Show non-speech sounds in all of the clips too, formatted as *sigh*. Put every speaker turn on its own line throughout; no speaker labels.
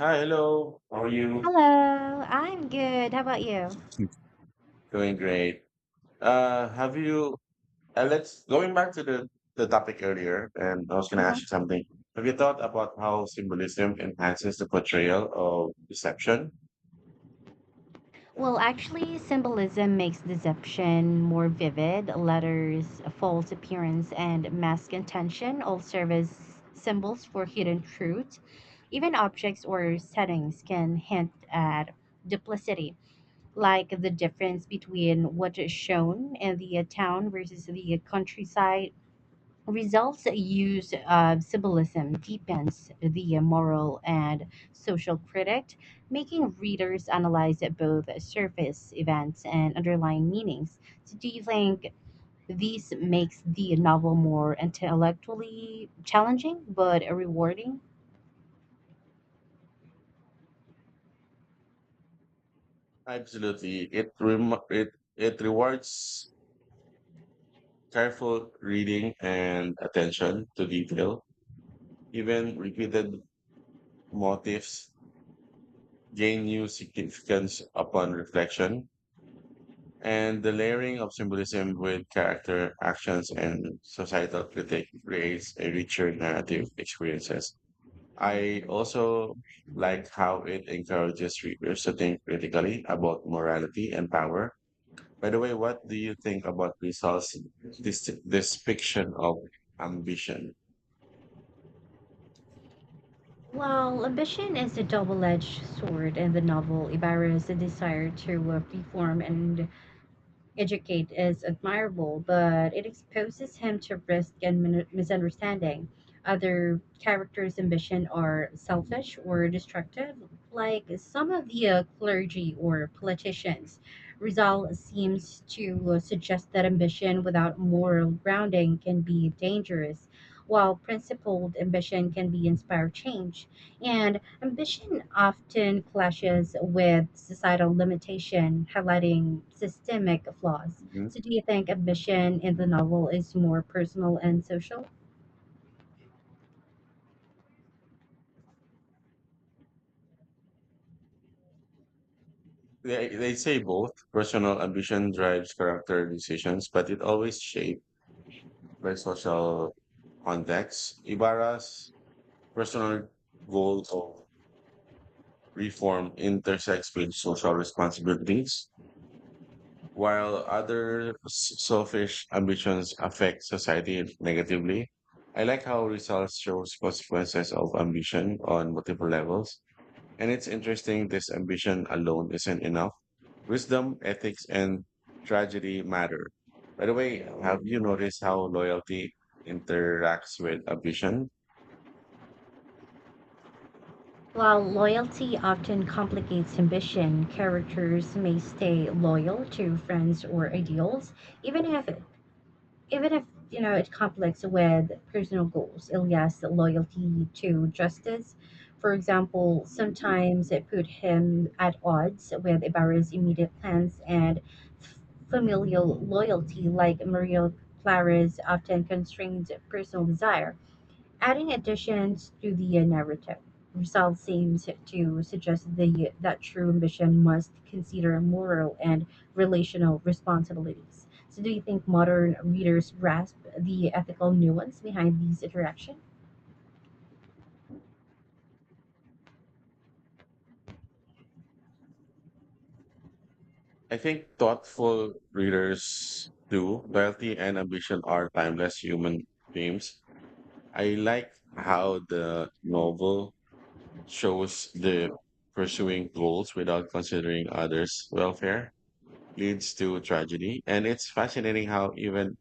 Hi, hello. How are you?
Hello, I'm good. How about you?
Doing great. Uh, have you, Going back to the topic earlier, and I was going to ask you
Mhm.
something. Have you thought about how symbolism enhances the portrayal of deception?
Well, actually, symbolism makes deception more vivid. Letters, false appearance, and mask intention all serve as symbols for hidden truth. Even objects or settings can hint at duplicity, like the difference between what is shown in the town versus the countryside. Results that use symbolism deepens the moral and social critic, making readers analyze both surface events and underlying meanings. So, do you think this makes the novel more intellectually challenging but rewarding?
Absolutely. It rem- it rewards careful reading and attention to detail. Even repeated motifs gain new significance upon reflection, and the layering of symbolism with character, actions, and societal critique creates a richer narrative experiences. I also like how it encourages readers to think critically about morality and power. By the way, what do you think about Rizal's this fiction of ambition?
Well, ambition is a double edged sword in the novel. Ibarra's desire to reform and educate is admirable, but it exposes him to risk and misunderstanding. Other characters' ambition are selfish or destructive, like some of the clergy or politicians. Rizal seems to suggest that ambition without moral grounding can be dangerous, while principled ambition can be inspire change. And ambition often clashes with societal limitation, highlighting systemic flaws.
Hmm?
So, do you think ambition in the novel is more personal and social?
They say both personal ambition drives character decisions, but it always shaped by social context. Ibarra's personal goal of reform intersects with social responsibilities, while other selfish ambitions affect society negatively. I like how results shows consequences of ambition on multiple levels. And it's interesting this ambition alone isn't enough. Wisdom, ethics, and tragedy matter. By the way, have you noticed how loyalty interacts with ambition?
While loyalty often complicates ambition, characters may stay loyal to friends or ideals, even if even if it conflicts with personal goals. Ilya's loyalty to justice, for example, sometimes it put him at odds with Ibarra's immediate plans, and f- familial loyalty, like Maria Clara's, often constrained personal desire. Adding additions to the narrative, result seems to suggest the, that true ambition must consider moral and relational responsibilities. So, do you think modern readers grasp the ethical nuance behind these interactions?
I think thoughtful readers do. Loyalty and ambition are timeless human themes. I like how the novel shows the pursuing goals without considering others' welfare leads to tragedy, and it's fascinating how even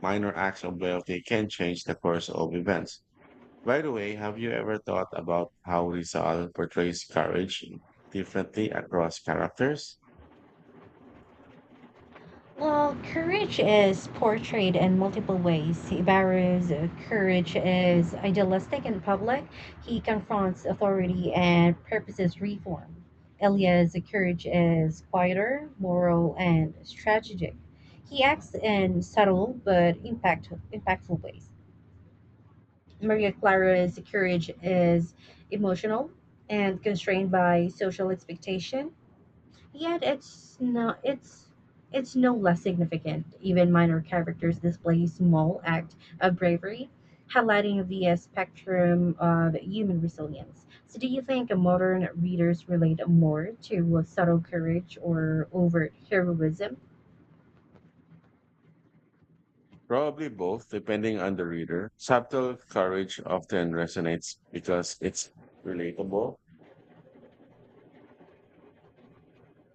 minor acts of loyalty can change the course of events. By the way, have you ever thought about how Rizal portrays courage differently across characters?
Well, courage is portrayed in multiple ways. Ibarra's courage is idealistic in public. He confronts authority and purposes reform. Elia's courage is quieter, moral, and strategic. He acts in subtle but impactful ways. Maria Clara's courage is emotional and constrained by social expectation. Yet it's no less significant. Even minor characters display small act of bravery, highlighting the spectrum of human resilience. So do you think modern readers relate more to subtle courage or overt heroism?
Probably both, depending on the reader. Subtle courage often resonates because it's relatable,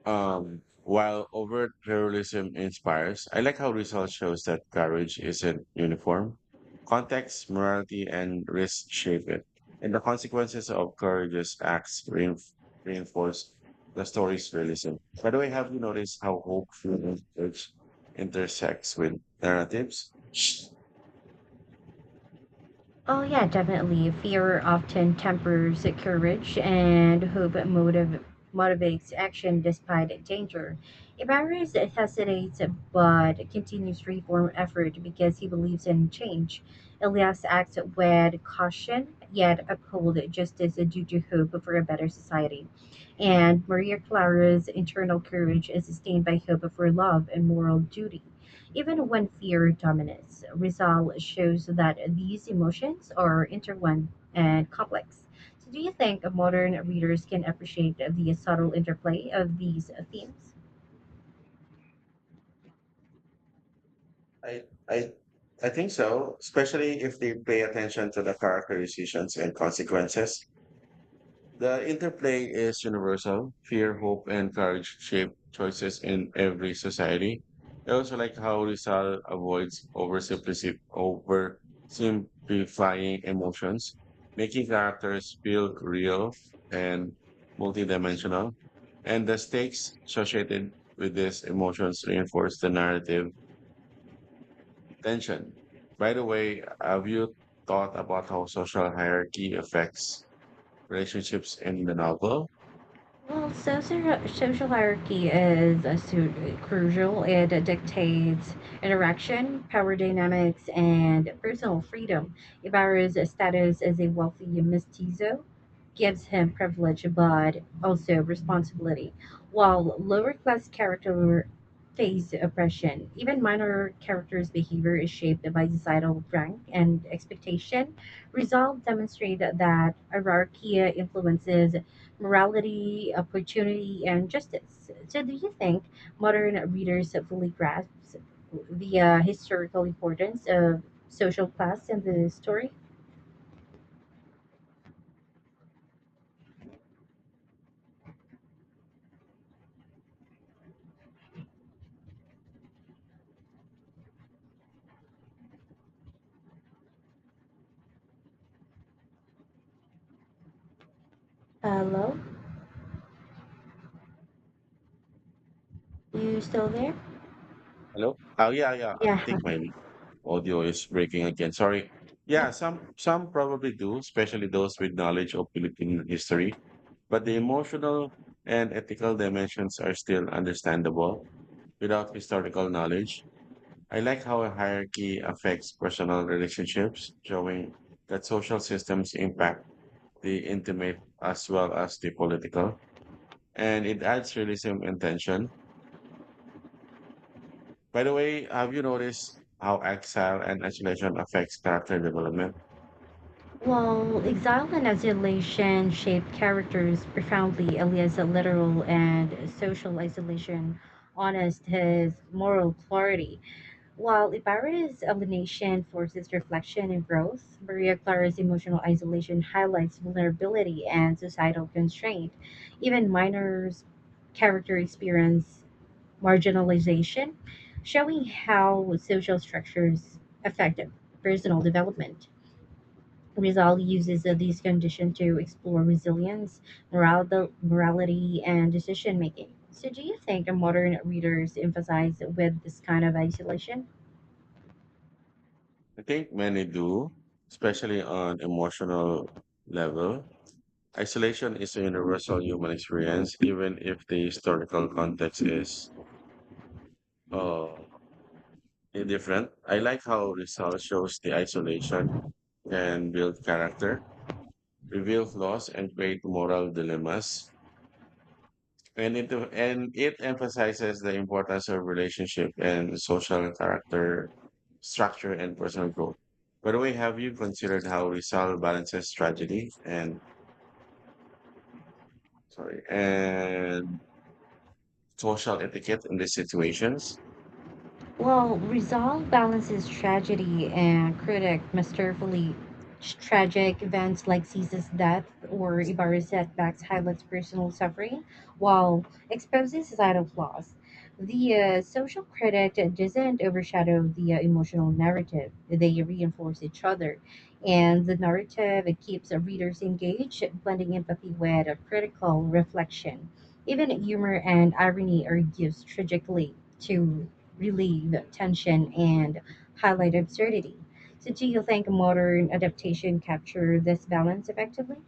while overt heroism inspires. I like how research shows that courage isn't uniform. Context, morality, and risk shape it, and the consequences of courageous acts reinforce the story's realism. By the way, have you noticed how hope fear, and courage intersects with narratives?
Oh, yeah, definitely. Fear often tempers courage, and motivates action despite danger. Ibarres hesitates but continues reform effort because he believes in change. Elias acts with caution, yet uphold justice due to hope for a better society. And Maria Clara's internal courage is sustained by hope for love and moral duty. Even when fear dominates, Rizal shows that these emotions are intertwined and complex. So, do you think modern readers can appreciate the subtle interplay of these themes?
I I I think so, especially if they pay attention to the characterizations and consequences. The interplay is universal. Fear, hope, and courage shape choices in every society. I also like how Rizal avoids oversimplifying emotions, making characters feel real and multidimensional. And the stakes associated with these emotions reinforce the narrative tension. By the way, have you thought about how social hierarchy affects relationships in the novel?
Well, social hierarchy is a crucial. It dictates interaction, power dynamics, and personal freedom. Ibarra's status as a wealthy mestizo gives him privilege but also responsibility, while lower class character face oppression. Even minor characters' behavior is shaped by societal rank and expectation. Results demonstrate that hierarchy influences morality, opportunity, and justice. So, do you think modern readers fully grasp the historical importance of social class in the story? Hello, you still there?
Hello? Oh, yeah, yeah. I
Yeah.
think my audio is breaking again. Sorry. Yeah,
Yep.
some probably do, especially those with knowledge of Philippine history. But the emotional and ethical dimensions are still understandable without historical knowledge. I like how a hierarchy affects personal relationships, showing that social systems impact the intimate as well as the political, and it adds realism and tension. By the way, have you noticed how exile and isolation affects character development?
Well, exile and isolation shaped characters profoundly. Elia's literal and social isolation honest his moral clarity. While Ibarra's illumination forces reflection and growth, Maria Clara's emotional isolation highlights vulnerability and societal constraint. Even Minor's character experience marginalization, showing how social structures affect personal development. Rizal uses these conditions to explore resilience, morality and decision making. So, do you think a modern readers emphasize with this kind of isolation?
I think many do, especially on emotional level. Isolation is a universal human experience, even if the historical context is uh, different. I like how research shows the isolation can build character, reveal flaws, and create moral dilemmas, and it emphasizes the importance of relationship and social character structure and personal growth. By the way, have you considered how Rizal balances tragedy and, sorry, and social etiquette in these situations?
Well, Rizal balances tragedy and critic masterfully. Tragic events like Caesar's death or Ibarra's setbacks highlights personal suffering, while exposing societal flaws. The social critic doesn't overshadow the emotional narrative; they reinforce each other, and the narrative it keeps readers engaged, blending empathy with a critical reflection. Even humor and irony are used tragically to relieve tension and highlight absurdity. So, do you think modern adaptation capture this balance effectively?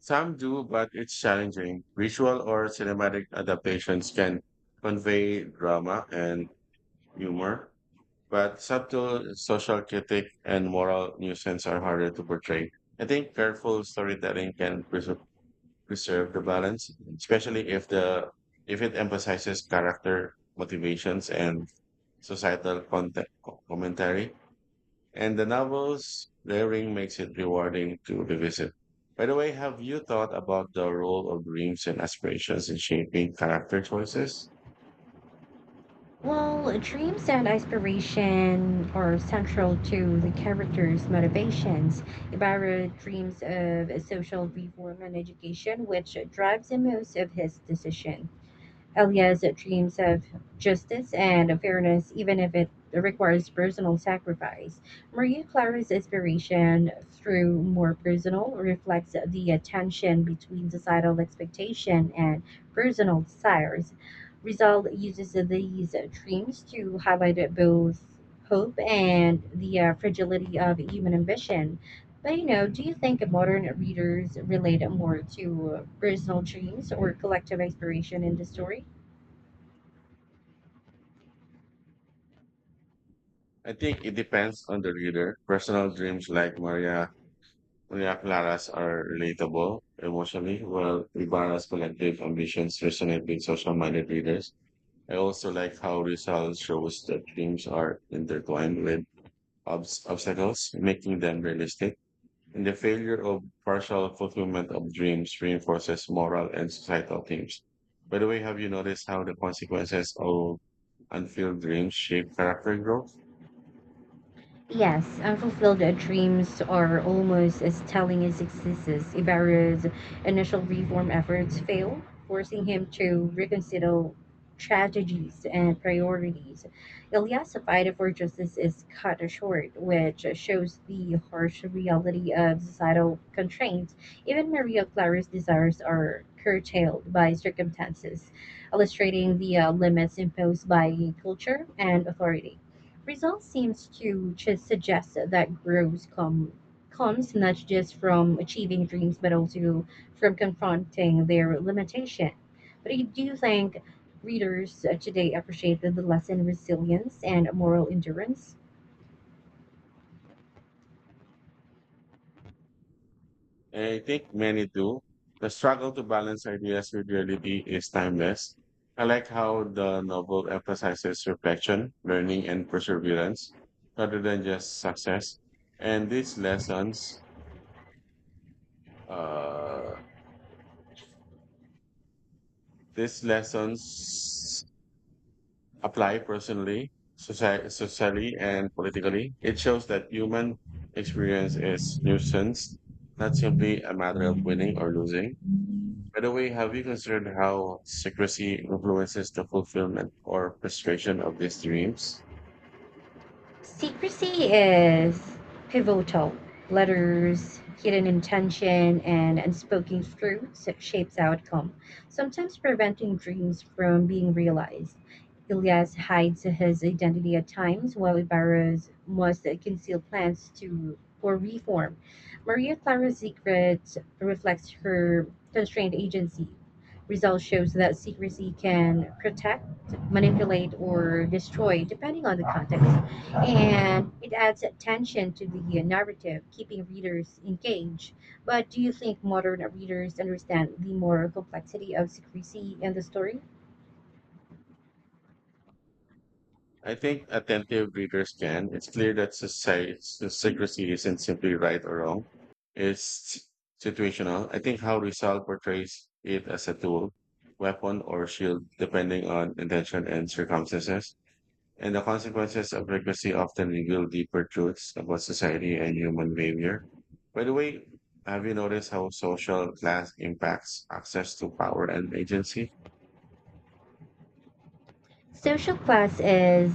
Some do, but it's challenging. Visual or cinematic adaptations can convey drama and humor, but subtle social critique and moral nuisance are harder to portray. I think careful storytelling can preserve the balance, especially if it emphasizes character motivations and societal content, commentary. And the novel's layering makes it rewarding to revisit. By the way, have you thought about the role of dreams and aspirations in shaping character choices?
Well, dreams and aspiration are central to the character's motivations. Ibarra dreams of social reform and education, which drives the most of his decision. Elias dreams of justice and fairness, even if it requires personal sacrifice. Maria Clara's inspiration, through more personal, reflects the tension between societal expectation and personal desires. Rizal uses these dreams to highlight both hope and the fragility of human ambition. But you know, do you think modern readers relate more to personal dreams or collective inspiration in the story?
I think it depends on the reader. Personal dreams like Maria Ria Claras are relatable emotionally, while Ibarra's collective ambitions resonate with social-minded readers. I also like how Rizal shows that dreams are intertwined with obstacles, making them realistic. And the failure of partial fulfillment of dreams reinforces moral and societal themes. By the way, have you noticed how the consequences of unfulfilled dreams shape character growth?
Yes, unfulfilled dreams are almost as telling as successes. Ibarra's initial reform efforts failed, forcing him to reconsider strategies and priorities. Ilyas' fight for justice is cut short, which shows the harsh reality of societal constraints. Even Maria Clara's desires are curtailed by circumstances, illustrating the limits imposed by culture and authority. Results seems to just suggest that comes not just from achieving dreams, but also from confronting their limitation. But I do think readers today appreciate the lesson resilience and moral endurance.
I think many do. The struggle to balance ideas with reality is timeless. I like how the novel emphasizes reflection, learning, and perseverance rather than just success. And uh, these lessons apply personally, socially, and politically. It shows that human experience is nuisance, not simply a matter of winning or losing. By the way, have you considered how secrecy influences the fulfillment or frustration of these dreams?
Secrecy is pivotal. Letters, hidden intention, and unspoken truths shapes outcome, sometimes preventing dreams from being realized. Ilyas hides his identity at times, while Ibarra's must conceal plans to for reform. Maria Clara's secret reflects her constrained agency. Result shows that secrecy can protect, manipulate, or destroy, depending on the context, and it adds attention to the narrative, keeping readers engaged. But do you think modern readers understand the moral complexity of secrecy in the story?
I think attentive readers can. It's clear that society secrecy isn't simply right or wrong. It's situational. I think how Rizal portrays it as a tool, weapon, or shield, depending on intention and circumstances. And the consequences of legacy often reveal deeper truths about society and human behavior. By the way, have you noticed how social class impacts access to power and agency?
Social class is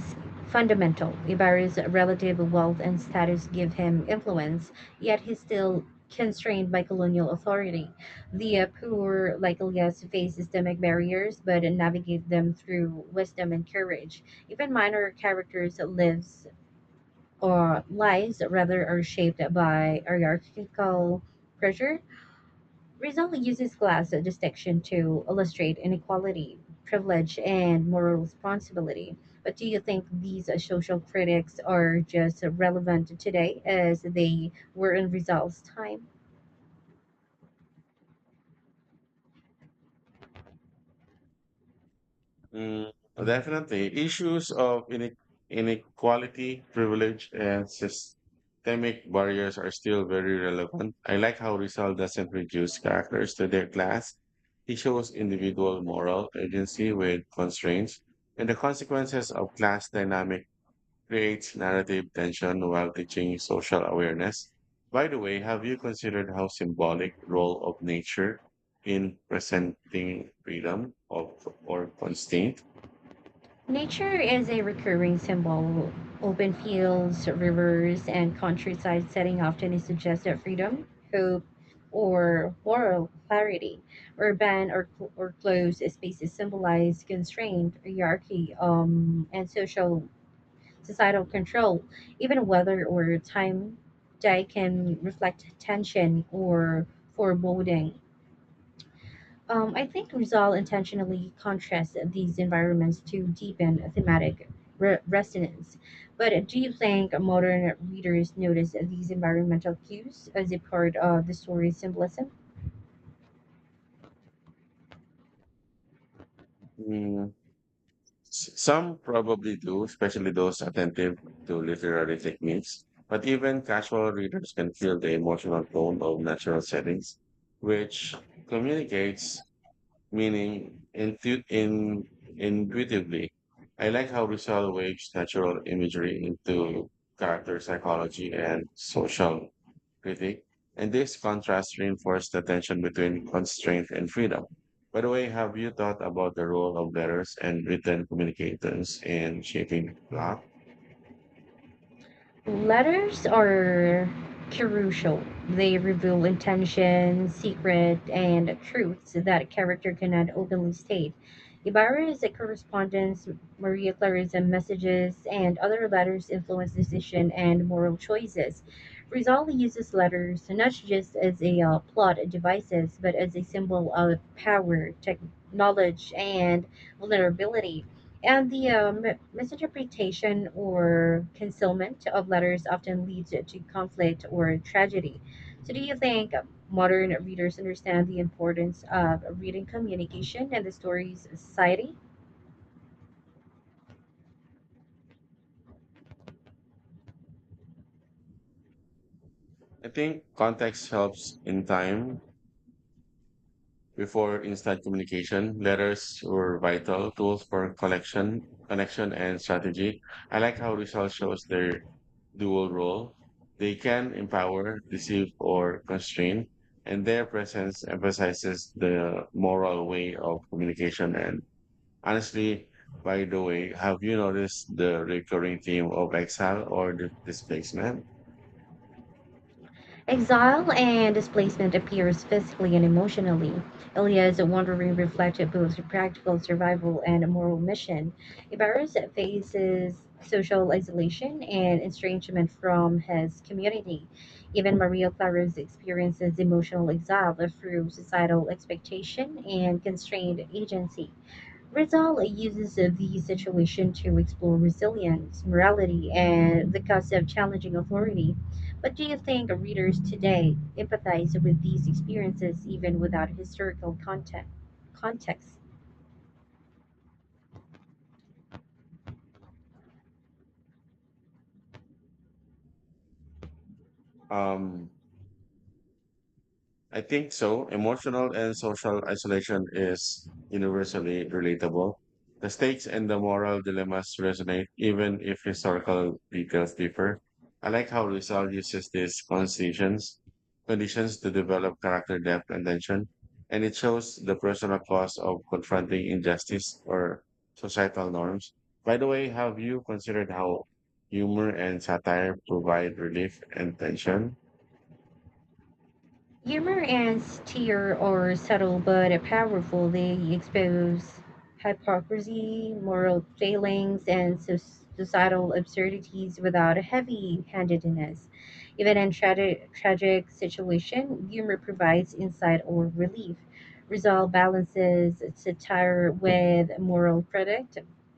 fundamental. Ibarra's relative wealth and status give him influence, yet he's still constrained by colonial authority. The poor, like Elias, face systemic barriers but navigate them through wisdom and courage. Even minor characters lives or lives rather are shaped by hierarchical pressure. Rizal uses class distinction to illustrate inequality, privilege, and moral responsibility. But do you think these social critics are just relevant today as they were in Rizal's time?
Mm, definitely. Issues of inequality, privilege, and systemic barriers are still very relevant. I like how Rizal doesn't reduce characters to their class. He shows individual moral agency with constraints, and the consequences of class dynamic creates narrative tension while teaching social awareness. By the way, have you considered how symbolic role of nature in presenting freedom of or constraint?
Nature is a recurring symbol. Open fields, rivers, and countryside setting often suggest that freedom, hope, or moral clarity. Urban or closed spaces symbolize constraint, hierarchy, and social societal control. Even weather or time day can reflect tension or foreboding. I think Rizal intentionally contrasts these environments to deepen resonance. But do you think modern readers notice these environmental cues as a part of the story's symbolism?
Mm, Some probably do, especially those attentive to literary techniques. But even casual readers can feel the emotional tone of natural settings, which communicates meaning intuitively. I like how Rizal weaves natural imagery into character psychology and social critique, and this contrast reinforced the tension between constraint and freedom. By the way, have you thought about the role of letters and written communicators in shaping plot?
Letters are crucial. They reveal intentions, secret, and truths that a character cannot openly state. Ibarra is a correspondence, Maria Clarissa messages, and other letters influence decision and moral choices. Rizal uses letters not just as a plot devices, but as a symbol of power, tech knowledge, and vulnerability. And the misinterpretation or concealment of letters often leads to conflict or tragedy. So, do you think modern readers understand the importance of reading communication and the stories of society?
I think context helps in time before instant communication, letters were vital tools for collection, connection, and strategy. I like how results shows their dual role. They can empower, deceive, or constrain, and their presence emphasizes the moral way of communication. And honestly, by the way, have you noticed the recurring theme of exile or the displacement?
Exile and displacement appears physically and emotionally. Ilya's wandering reflected both practical survival and a moral mission. Ibarus faces social isolation and estrangement from his community. Even Maria Clara's experiences emotional exile through societal expectation and constrained agency. Rizal uses the situation to explore resilience, morality, and the concept of challenging authority. But do you think readers today empathize with these experiences even without historical context?
Um, I think so. Emotional and social isolation is universally relatable. The stakes and the moral dilemmas resonate, even if historical details differ. I like how Rizal uses conditions to develop character depth and tension, and it shows the personal cost of confronting injustice or societal norms. By the way, have you considered how humor and satire provide relief and tension?
Humor and satire are subtle but powerful. They expose hypocrisy, moral failings, and societal absurdities without heavy-handedness. Even in tragic situation, humor provides insight or relief. Rizal balances satire with moral verdict,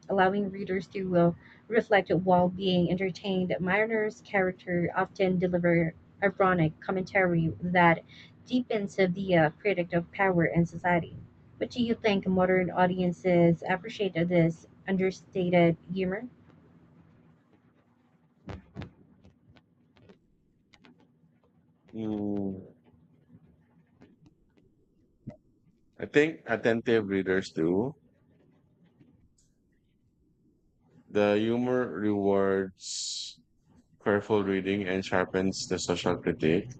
allowing readers to reflect while being entertained. Mariner's character often deliver ironic commentary that deepens the critic of power in society. But do you think modern audiences appreciate this understated humor?
Mm, I think attentive readers do. The humor rewards careful reading and sharpens the social critique.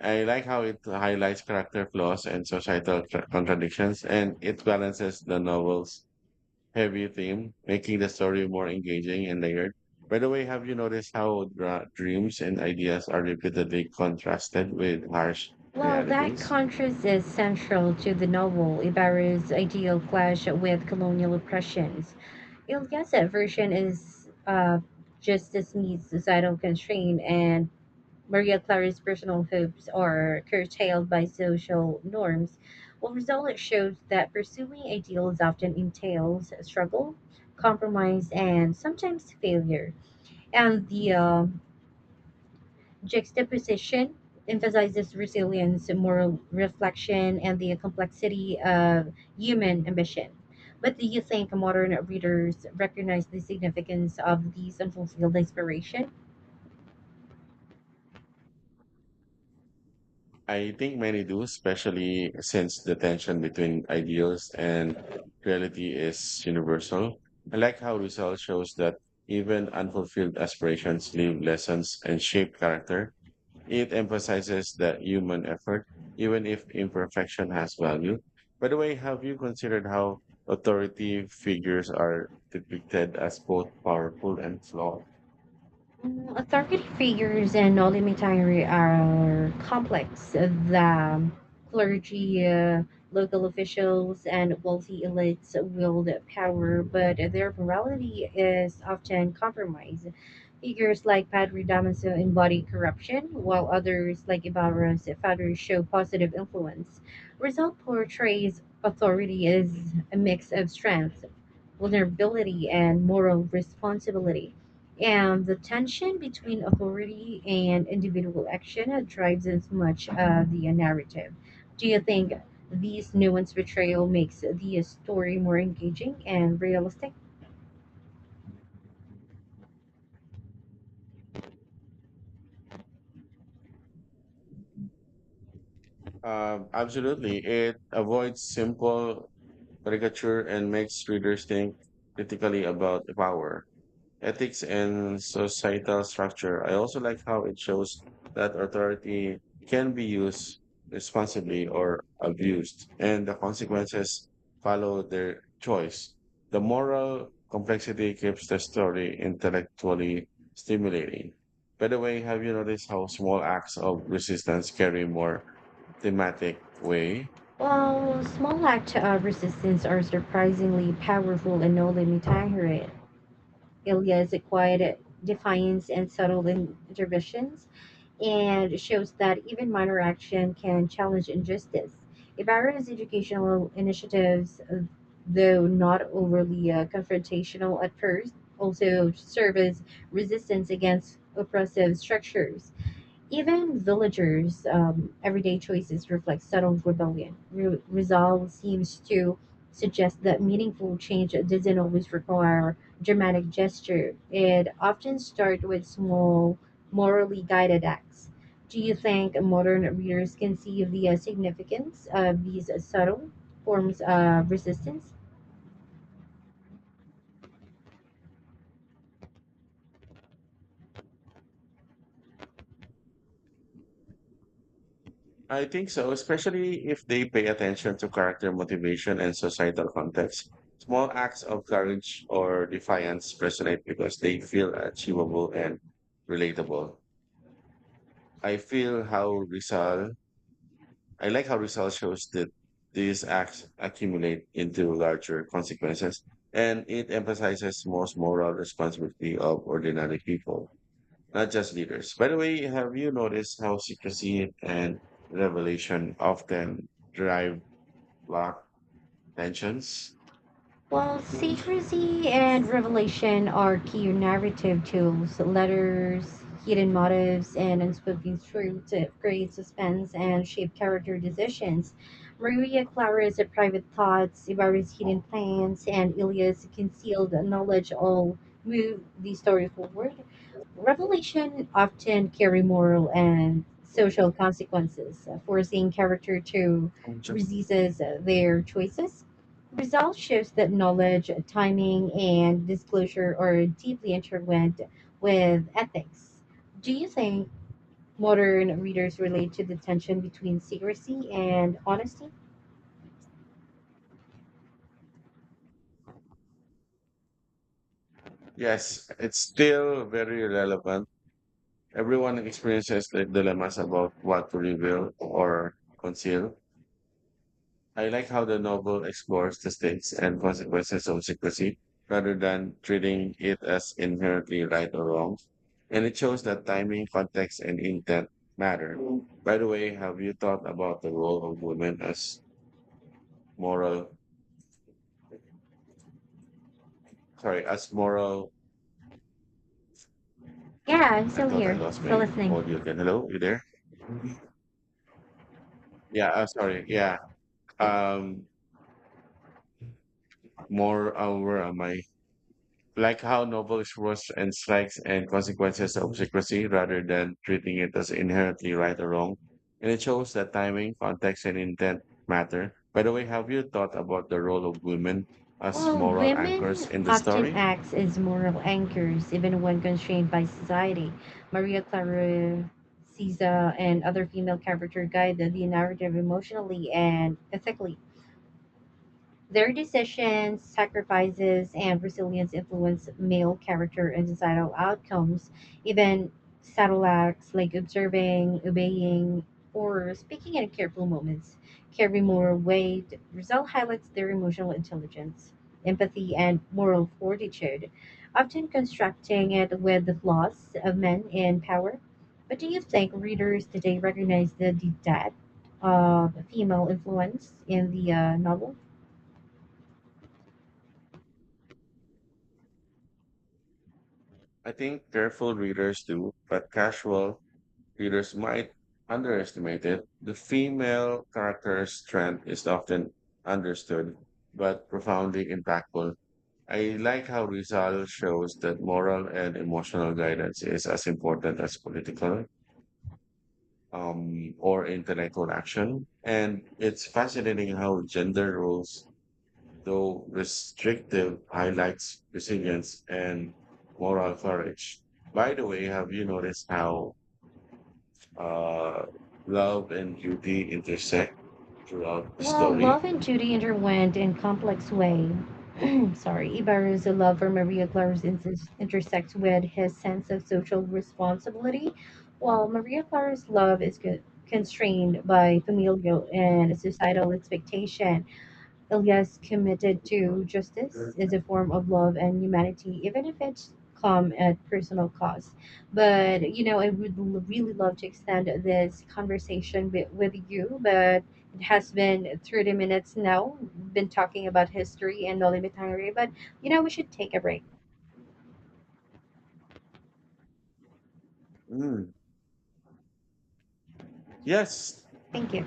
I like how it highlights character flaws and societal contradictions, and it balances the novel's heavy theme, making the story more engaging and layered. By the way, have you noticed how dreams and ideas are repeatedly contrasted with harsh
Well, that
realities?
contrast is central to the novel. Ibarra's ideal clash with colonial oppressions. Ilya's version is just this needs societal constraint, and Maria Clara's personal hopes are curtailed by social norms, while results shows that pursuing ideals often entails struggle, compromise, and sometimes failure. And the juxtaposition emphasizes resilience, moral reflection, and the complexity of human ambition. But do you think modern readers recognize the significance of these unfulfilled aspirations?
I think many do, especially since the tension between ideals and reality is universal. I like how Rizal shows that even unfulfilled aspirations leave lessons and shape character. It emphasizes that human effort, even if imperfection has value. By the way, have you considered how authority figures are depicted as both powerful and flawed?
Mm, authority figures in Holy Mitari are complex. The clergy, local officials, and wealthy elites wield power, but their morality is often compromised. Figures like Padre Damaso embody corruption, while others, like Ibarra's father, show positive influence. Result portrays authority as a mix of strength, vulnerability, and moral responsibility. And the tension between authority and individual action drives as much of the narrative. Do you think these nuanced betrayal makes the story more engaging and realistic?
Absolutely. It avoids simple caricature and makes readers think critically about power, ethics, and societal structure. I also like how it shows that authority can be used responsibly or abused, and the consequences follow their choice. The moral complexity keeps the story intellectually stimulating. By the way, have you noticed how small acts of resistance carry more thematic weight?
Well, small acts of resistance are surprisingly powerful in No Limit Tahrir. Ilya's quiet defiance and subtle interventions and it shows that even minor action can challenge injustice. Ibarra's educational initiatives, though not overly confrontational at first, also serve as resistance against oppressive structures. Even villagers' everyday choices reflect subtle rebellion. Resolve seems to suggest that meaningful change doesn't always require dramatic gesture. It often starts with small, morally guided acts. Do you think modern readers can see the significance of these subtle forms of resistance?
I think so, especially if they pay attention to character motivation and societal context. Small acts of courage or defiance resonate because they feel achievable and relatable. I feel how Rizal, I like how Rizal shows that these acts accumulate into larger consequences, and it emphasizes most moral responsibility of ordinary people, not just leaders. By the way, have you noticed how secrecy and revelation often drive Lock tensions.
Well,
Mm.
secrecy and revelation are key narrative tools. Letters, hidden motives, and unspoken truths that create suspense and shape character decisions. Maria Clara's private thoughts, Ibarra's hidden plans, and Ilya's concealed knowledge all move the story forward. Revelation often carry moral and social consequences, forcing character to resist their choices. Results shows that knowledge, timing, and disclosure are deeply intertwined with ethics. Do you think modern readers relate to the tension between secrecy and honesty?
Yes, it's still very relevant. Everyone experiences the dilemmas about what to reveal or conceal. I like how the novel explores the stakes and consequences of secrecy rather than treating it as inherently right or wrong. And it shows that timing, context, and intent matter. Mm. By the way, have you thought about the role of women as moral, as moral...
Yeah, I'm
I
still
thought I
here,
lost
still
my
listening.
audio again. Hello, you there? Yeah, sorry. Yeah. Um, more Where am I? Like how novel explores and strikes and consequences of secrecy rather than treating it as inherently right or wrong. And it shows that timing, context, and intent matter. By the way, have you thought about the role of women as
Well,
moral anchors
women
in the
often
story?
act as moral anchors, even when constrained by society. Maria Clara Sisa and other female characters guide the narrative emotionally and ethically. Their decisions, sacrifices, and resilience influence male character and societal outcomes. Even subtle acts like observing, obeying, or speaking in careful moments carry more weight. Result highlights their emotional intelligence, empathy, and moral fortitude, often constructing it with the flaws of men in power. But do you think readers today recognize the depth of female influence in the novel?
I think careful readers do, but casual readers might underestimate it. The female character's strength is often understood, but profoundly impactful. I like how Rizal shows that moral and emotional guidance is as important as political or intellectual action. And it's fascinating how gender roles, though restrictive, highlights resilience and moral courage. By the way, have you noticed how uh, love and duty intersect throughout the
Well,
story.
love and duty intertwined in complex way. *clears throat* Sorry, Ibarra's love for intersects with his sense of social responsibility,
Mm.
while Maria Clara's love is constrained by familial and societal expectation. Ilya's committed to justice is a form of love and humanity, even if it's come at personal cost. But you know, I would really love to extend this conversation with you, but it has been 30 minutes now. Been talking about history and Noli Mitangere, but you know, we should take a break.
Mm. Yes.
Thank you.